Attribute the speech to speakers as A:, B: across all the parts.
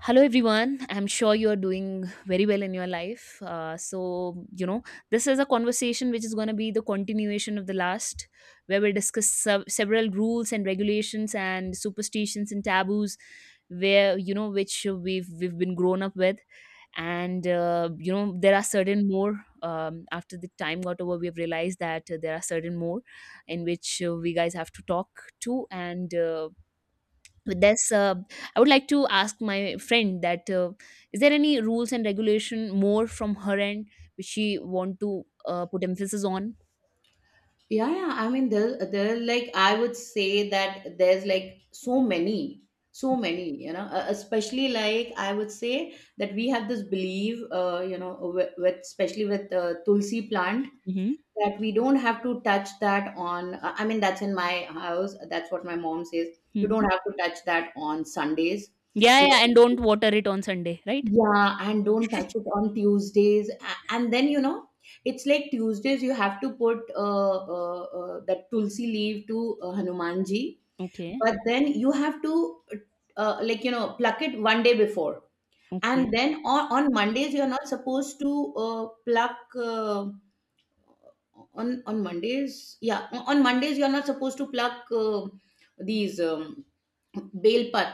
A: Hello, everyone. I'm sure you're doing very well in your life. This is a conversation which is going to be the continuation of the last, where we'll discuss several rules and regulations and superstitions and taboos where you know which we've been grown up with and there are certain more after the time got over we've realized that there are certain more in which we guys have to talk to and with this I would like to ask my friend that is there any rules and regulation more from her end which she want to put emphasis on.
B: Yeah, yeah. I mean, there, like I would say that there's like so many, so many. Especially like I would say that we have this belief, with especially with tulsi plant
A: Mm-hmm.
B: that we don't have to touch that on. I mean, that's in my house. That's what my mom says. You
A: Mm-hmm.
B: don't have to touch that on Sundays.
A: Yeah,
B: You
A: yeah,
B: don't
A: and
B: have to,
A: don't water it on Sunday, right?
B: yeah, and don't touch it on Tuesdays. And then, it's like Tuesdays you have to put that tulsi leaf to Hanumanji,
A: Okay.
B: but then you have to, uh, like, pluck it one day before. And
A: Okay.
B: then on Mondays, you're not supposed to pluck. On Mondays, yeah, on Mondays, you're not supposed to pluck these bale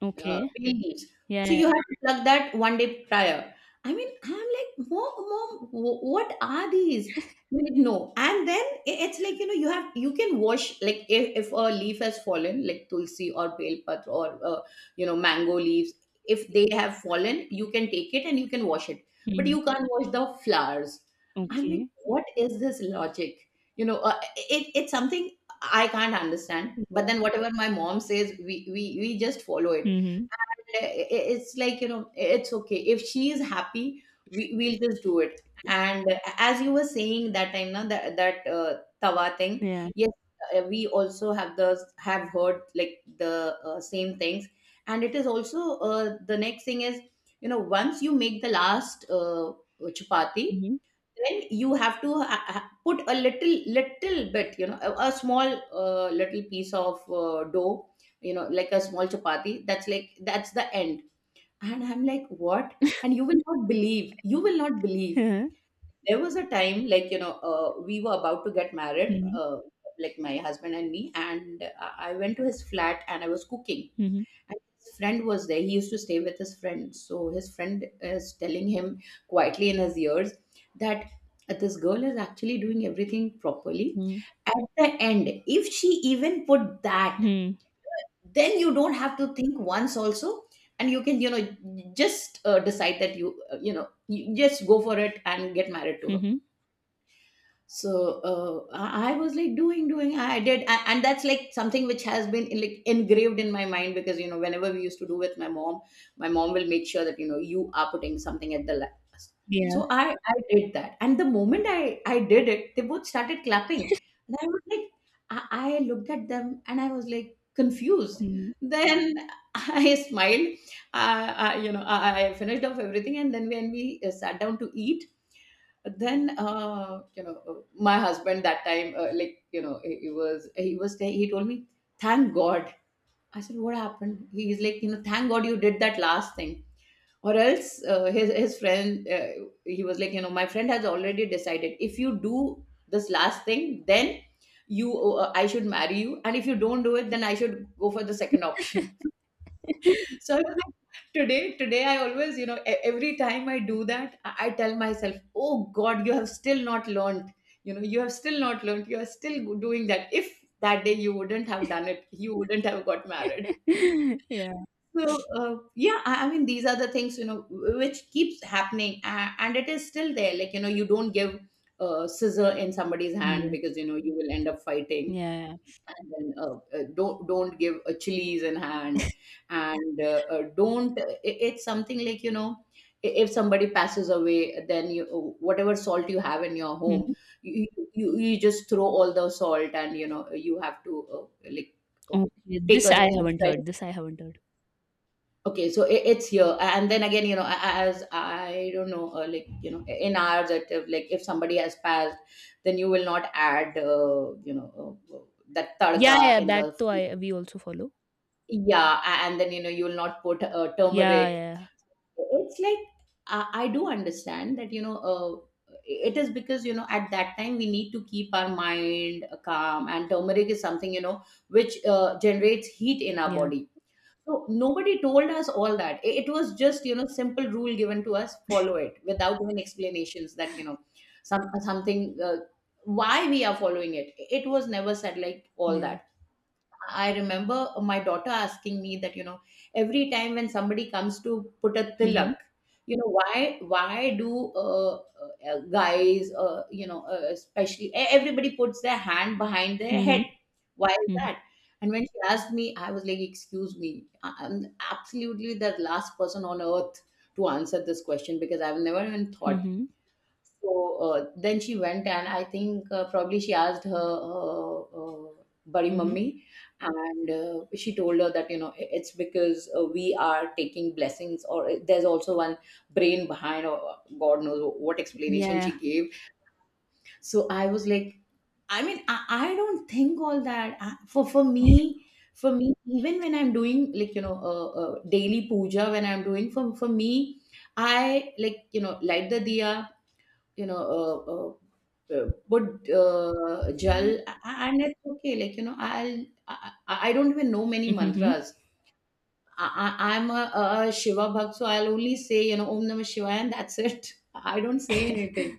A: Okay.
B: bay leaves.
A: Yeah,
B: So
A: yeah.
B: you have to pluck that one day prior. I mean, I'm like, mom, what are these? Like, no, and then it's like, you can wash, like if a leaf has fallen, like tulsi or belpatra or mango leaves, if they have fallen, you can take it and you can wash it, but
A: Mhm.
B: you can't wash the flowers. I'm like,
A: Okay.
B: what is this logic? It's something I can't understand. But
A: Yeah.
B: then whatever my mom says, we just follow it.
A: Mm-hmm.
B: And it's like, it's okay. If she is happy, we'll just do it. And as you were saying that time, now that tawa thing,
A: Yeah.
B: yes, we also have heard, like, the same things. And it is also, the next thing is, once you make the last chapati,
A: Mm-hmm.
B: then you have to put a little little bit, a small little piece of dough, like a small chapati, that's the end. And I'm like, what? And you will not believe, you will not believe,
A: Yeah.
B: there was a time, like, we were about to get married,
A: Mhm.
B: like, my husband and me, and I went to his flat and I was cooking,
A: Mhm.
B: and his friend was there. He used to stay with his friend. So his friend is telling him quietly in his ears that this girl is actually doing everything properly.
A: Mhm.
B: At the end, if she even put that,
A: Mhm.
B: then you don't have to think once also. And you can, you know, just decide that you just go for it and get married to her.
A: Mhm.
B: So I was like doing, and that's like something which has been, like, engraved in my mind, because whenever we used to do with my mom will make sure that you are putting something at the last.
A: Yeah.
B: So I did that, and the moment I did it, they both started clapping. And I looked at them, and I was like confused.
A: Mhm.
B: Then I smiled. I finished off everything, and then when we sat down to eat, then, my husband, that time, like, he was saying, he told me, thank God. I said, what happened? He's like, thank God you did that last thing. Or else, his friend, he was like, my friend has already decided, if you do this last thing, then you I should marry you, and if you don't do it, then I should go for the second option. So today I always, every time I do that, I tell myself, "Oh God, you have still not learned. You have still not learned. You are still doing that. If that day you wouldn't have done it, you wouldn't have got married."
A: Yeah.
B: So yeah, I mean, these are the things, which keeps happening. And it is still there. Like, you don't give a scissor in somebody's
A: Yeah.
B: hand
A: Yeah.
B: because you will end up fighting.
A: Yeah.
B: And then, don't give a chilies in hand. And, don't. It's something like, if somebody passes away, then you, whatever salt you have in your home,
A: Mhm.
B: you, you just throw all the salt. And you have to, like, uh,
A: Okay,
B: take
A: this
B: a
A: i
B: new
A: haven't
B: fresh.
A: heard this I haven't heard.
B: Okay, so it's here. And then again, as I don't know, like, in ours, that if, like, if somebody has passed, then you will not add that
A: Yeah,
B: tadka
A: yeah,
B: in the
A: that too
B: food.
A: I we also follow.
B: Yeah, and then, you will not put
A: Yeah,
B: turmeric.
A: yeah,
B: It's like, I do understand that, it is because, at that time, we need to keep our mind calm, and turmeric is something, which generates heat in our
A: yeah,
B: body. So nobody told us all that. It was just, simple rule given to us. Follow it without even explanations that, something, why we are following it. It was never said like all
A: yeah.
B: that. I remember my daughter asking me that, you know, every time when somebody comes to put a
A: Mhm,
B: tilak, why do, guys, especially, everybody puts their hand behind their head?
A: mhm,
B: Why is
A: mhm,
B: that? And when she asked me, I was like, excuse me, I'm absolutely the last person on earth to answer this question because I've never even thought.
A: mhm,
B: So then she went, and I think, probably she asked her, buddy
A: mhm.
B: mummy. And she told her that, it's because, we are taking blessings, or, there's also one brain behind, or, God knows what explanation
A: Yeah.
B: she gave. So I was like, I mean, I don't think all that. I, for me. For me, even when I'm doing, like, daily puja, when I'm doing for, me, I, like, light the diya, put gel, a- and it's okay. Like, you know, I'll, I don't even know many
A: Mhm.
B: mantras. I, I'm a Shiva Bhakt, so I'll only say, Om Namah Shivaya, and that's it. I don't say anything.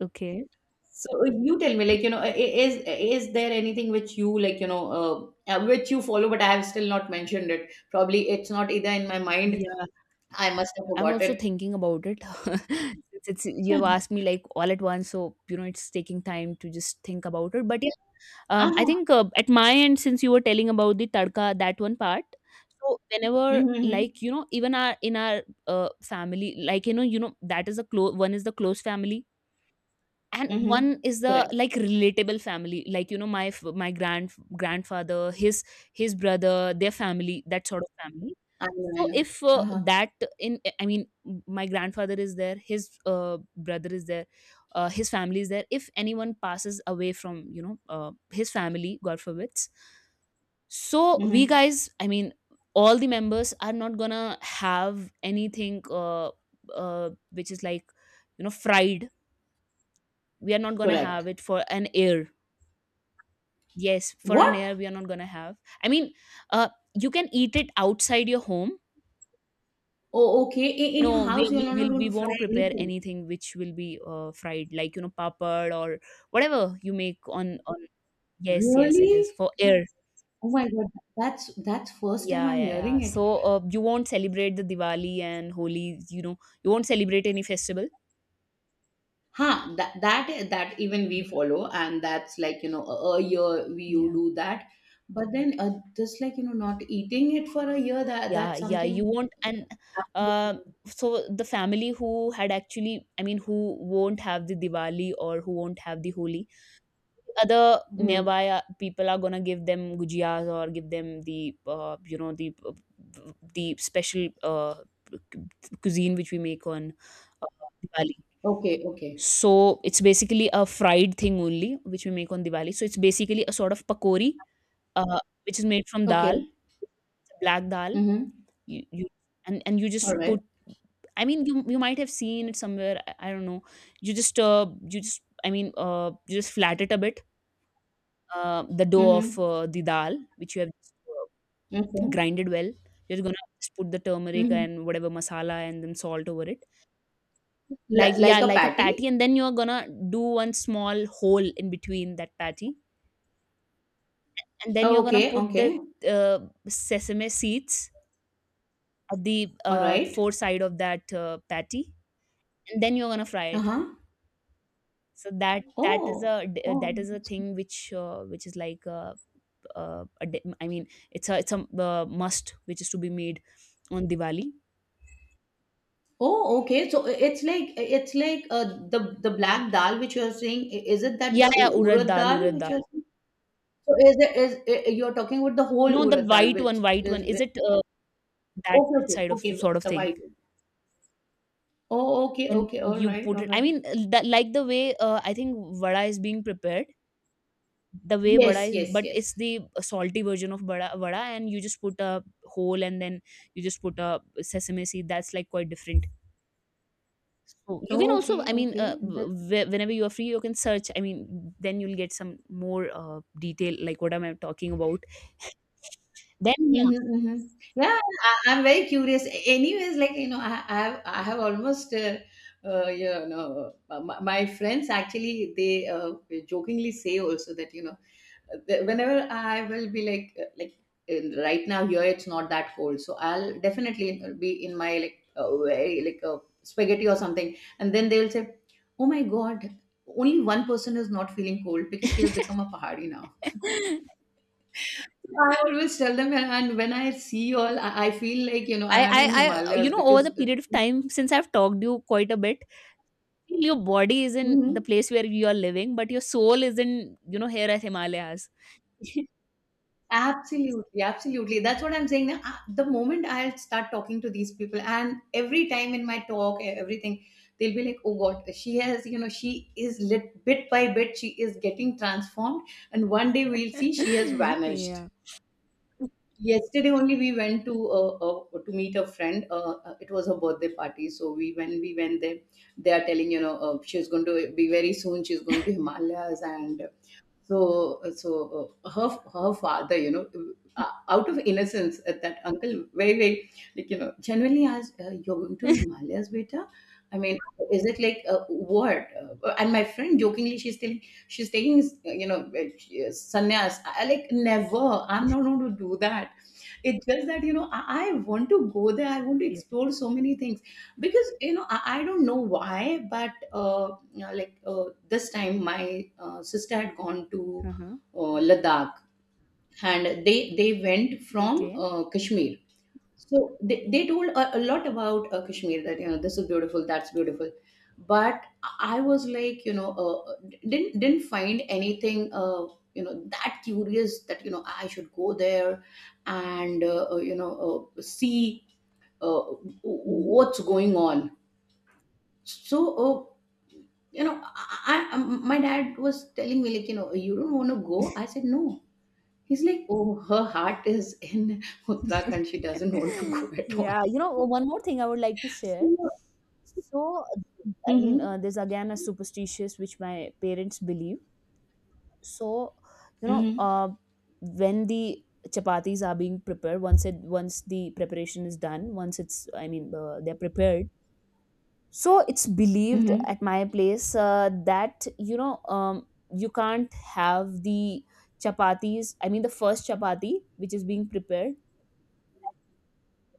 A: Okay.
B: So you tell me, like, is there anything which you, which you follow, but I have still not mentioned. It. Probably it's not either in my mind.
A: Yeah,
B: I must have
A: I'm also
B: forgotten.
A: thinking about it. Since it's, you have asked me like all at once, so you know it's taking time to just think about it. But yeah, I
B: Uh-huh.
A: think at my end, since you were telling about the tadka, that one part. So whenever,
B: Mm-hmm.
A: like you know, even our in our family, like you know that is a close one is the close family and
B: Mm-hmm. Mm-hmm.
A: one is the
B: Correct.
A: like relatable family, like you know, my grandfather, his brother, their family, that sort of family.
B: I know. I
A: So
B: know.
A: if
B: Uh-huh.
A: that in I mean m- my grandfather is there, his brother is there, his family is there, if anyone passes away from, you know, his family, god forbids, so we
B: Mm-hmm.
A: guys, I mean, all the members are not gonna have anything which is like, you know, fried. We are not going to have
B: Correct.
A: it for an air. Yes, for an
B: What?
A: air, we are not going to have, I mean uh you can eat it outside your home.
B: Oh, okay. In your
A: No, we
B: house, you're
A: we
B: not
A: will
B: going
A: we
B: to fry
A: won't prepare
B: anything.
A: anything which will be fried, like you know, papad or whatever you make on yes, yes, it is
B: Really?
A: for air.
B: Oh my God, that's first time
A: Yeah,
B: I'm
A: yeah, yeah,
B: hearing it.
A: so you won't celebrate the Diwali and Holi, you know, you won't celebrate any festival.
B: Huh? That even we follow, and that's like, a year we you
A: Yeah,
B: do that, but then, just like, not eating it for a year, that
A: yeah,
B: that's
A: yeah, you
B: something.
A: won't. And uh,
B: Absolutely.
A: so the family who had actually, I mean, who won't have the Diwali or who won't have the Holi, other
B: Mm-hmm.
A: nearby people are gonna give them gujiyas or give them the, the special cuisine which we make on uh, Diwali.
B: Okay. Okay.
A: So it's basically a fried thing only which we make on Diwali, so it's basically a sort of pakori uh, which is made from dal,
B: Okay.
A: black dal.
B: Mm-hmm.
A: You, you and and you just
B: All right.
A: put, I mean, you might have seen it somewhere. I don't know. You just you just, I mean, you just flat it a bit. The dough of
B: Mm-hmm.
A: the dal which you have just,
B: Okay.
A: grinded well. You're gonna just put the turmeric
B: Mm-hmm.
A: and whatever masala and then salt over it.
B: L-
A: Like
B: like
A: yeah,
B: a
A: like a patty,
B: patty.
A: and then you're gonna do one small hole in between that patty, and then
B: Oh,
A: you're gonna
B: okay.
A: put the
B: Okay.
A: uh, sesame seeds at the
B: All right.
A: four side of that patty, and then you're gonna fry
B: Uh
A: it.
B: huh.
A: So that that is
B: Oh, oh,
A: that is a
B: that's good.
A: thing which is like I mean it's a must which is to be made on Diwali.
B: Oh, okay. So it's like the black dal which you're saying. Is it that
A: Yeah,
B: the
A: yeah,
B: u-
A: urad
B: urad
A: dal,
B: dal
A: urad
B: which
A: dal.
B: you're saying? So is it is I- you're talking about the whole
A: No, the
B: urad dal
A: white
B: which
A: one, white one.
B: is
A: Is
B: with-
A: it that
B: okay,
A: that
B: okay,
A: side of
B: okay,
A: sort of
B: the
A: thing?
B: white one. Oh, okay,
A: Then
B: okay, all
A: you
B: right,
A: put
B: all
A: it. I
B: right.
A: mean, that, like the way I think vada is being prepared, the way vada
B: Yes,
A: is,
B: yes,
A: but it's
B: yes.
A: the salty version of vada, vada, and you just put a whole, and then you just put a sesame seed. That's like quite different. So you can also,
B: Okay,
A: I mean,
B: okay.
A: whenever you are free, you can search. I mean, then you'll get some more detail, like what am I talking about? Then, yeah.
B: Mhm, mhm. Yeah, I'm very curious. Anyways, like, I have almost, my friends actually, they jokingly say also that, that whenever I will be like, like, right now here, it's not that cold, so I'll definitely be in my, like, very like, spaghetti or something, and then they will say, "Oh my God, only one person is not feeling cold because she has become a pahari now." I always tell them, and when I see you all, I feel like,
A: I,
B: I am in
A: I, I, you
B: Himalayas
A: know, over the
B: because.
A: period of time since I've talked you quite a bit, your body is in
B: Mhm.
A: the place where you are living, but your soul is in, you know, here at Himalayas.
B: Absolutely, absolutely. That's what I'm saying. Now, the moment I'll start talking to these people, and every time in my talk, everything, they'll be like, oh God, she has, you know, she is lit bit by bit, she is getting transformed. And one day we'll see she has vanished.
A: Yeah.
B: Yesterday only we went to meet a friend. It was her birthday party, so we when we went there, they are telling, you know, she's going to be very soon. She's going to Himalayas, and her father, you know, out of innocence, that uncle very like, you know, genuinely asked, "You're going to Himalayas, beta?" I mean, is it like what? And my friend jokingly, she's telling, she's taking, you know, sannyas. I like never. I'm not going to do that. It's just that, you know, I want to go there. I want to
A: Yeah.
B: explore so many things because, you know, I don't know why, but you know, like this time my sister had gone to
A: Uh-huh.
B: Ladakh, and they went from
A: Okay.
B: Kashmir. So they told a lot about Kashmir, that, you know, this is beautiful, that's beautiful, but I was like, you know, didn't find anything, you know, that curious, that, you know, I should go there and you know, see
A: Mhm.
B: what's going on. So you know, my dad was telling me, like, you know, you don't want to go. I said no. He's like, oh, her heart is in Uttarakhand. She doesn't want to go at all.
A: Yeah, you know, one more thing I would like to share. So, I mean,
B: Mm-hmm.
A: there's again a superstitious which my parents believe. So you know,
B: Mm-hmm.
A: when the chapatis are being prepared, once the preparation is done, once it's, I mean, they're prepared, so it's believed
B: Mm-hmm.
A: at my place that you know, you can't have the chapatis, I mean, the first chapati which is being prepared,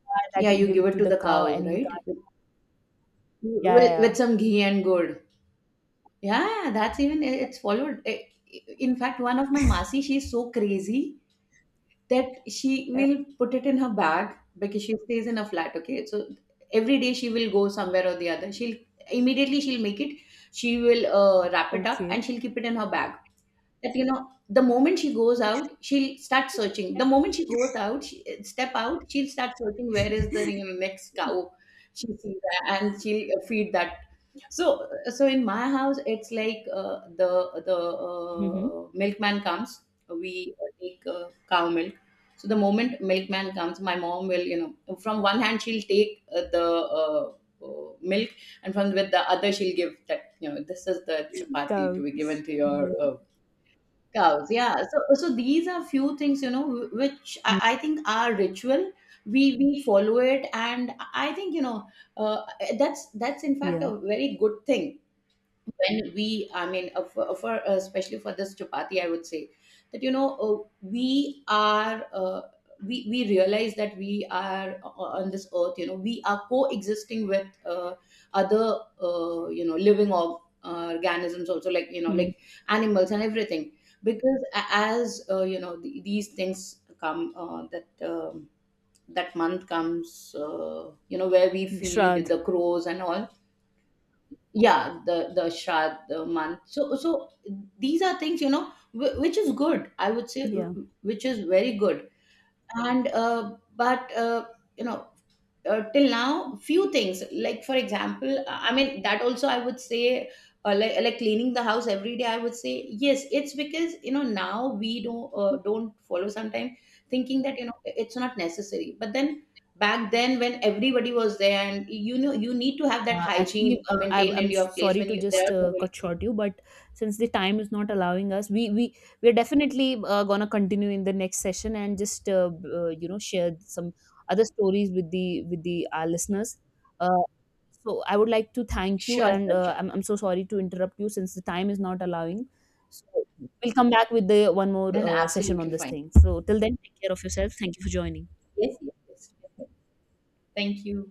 A: that
B: Yeah,
A: you
B: you
A: give
B: give
A: it
B: it
A: to
B: to
A: the
B: the
A: cow
B: cows,
A: and you
B: right?
A: can't. Yeah,
B: With,
A: yeah, yeah.
B: with some ghee and gourd. Yeah, that's even it's followed. I- In fact, one of my masi, she's so crazy that she
A: Yeah.
B: will put it in her bag because she stays in a flat. Okay, so every day she will go somewhere or the other. She'll Immediately she'll make it. She will wrap it up
A: Okay.
B: and she'll keep it in her bag. That, you know, the moment she goes out, she'll start searching, the moment she goes out, she, step out, she'll start searching, where is the, you know, next cow she sees, and she'll feed that. So so in my house it's like, the the
A: Mm-hmm.
B: uh, milkman comes, we take cow milk. So the moment milkman comes, my mom will, you know, from one hand she'll take the uh, milk, and from with the other she'll give that, you know, this is the chapati
A: Cow.
B: to be given to your
A: Yeah.
B: cows, yeah. So these are few things, you know, which I think are ritual, we follow it. And I think, you know, uh, that's in fact
A: Yeah.
B: a very good thing. When we, I mean, for especially for this chapati, I would say that, you know, we realize that we are on this earth. You know, we are coexisting with other, you know, living or, organisms also, like, you know,
A: Mm-hmm.
B: like animals and everything. Because as, you know, the, these things come, that that month comes, you know, where we feed
A: Shrad.
B: the crows and all, yeah, the shad, the month. So these are things, you know, which is good, I would say,
A: Yeah.
B: which is very good. And but you know, till now, few things like, for example, I mean, that also I would say, like cleaning the house every day, I would say yes, it's because, you know, now we don't follow sometimes, thinking that, you know, it's not necessary, but then back then when everybody was there, and you know, you need to have that
A: Actually,
B: hygiene
A: uh, I'm,
B: maintained in
A: I'm
B: your place
A: sorry
B: when
A: to
B: you there
A: just
B: are so many.
A: cut short you, but since the time is not allowing us, we're definitely gonna continue in the next session and just you know, share some other stories with the our listeners. Uh, so I would like to thank you, and uh,
B: Sure.
A: I'm I'm so sorry to interrupt you since the time is not allowing. So we'll come back with the one more
B: Then
A: session on
B: absolutely
A: this
B: fine.
A: thing. So till then, take care of yourself. Thank you for joining.
B: Yes, yes. Thank you.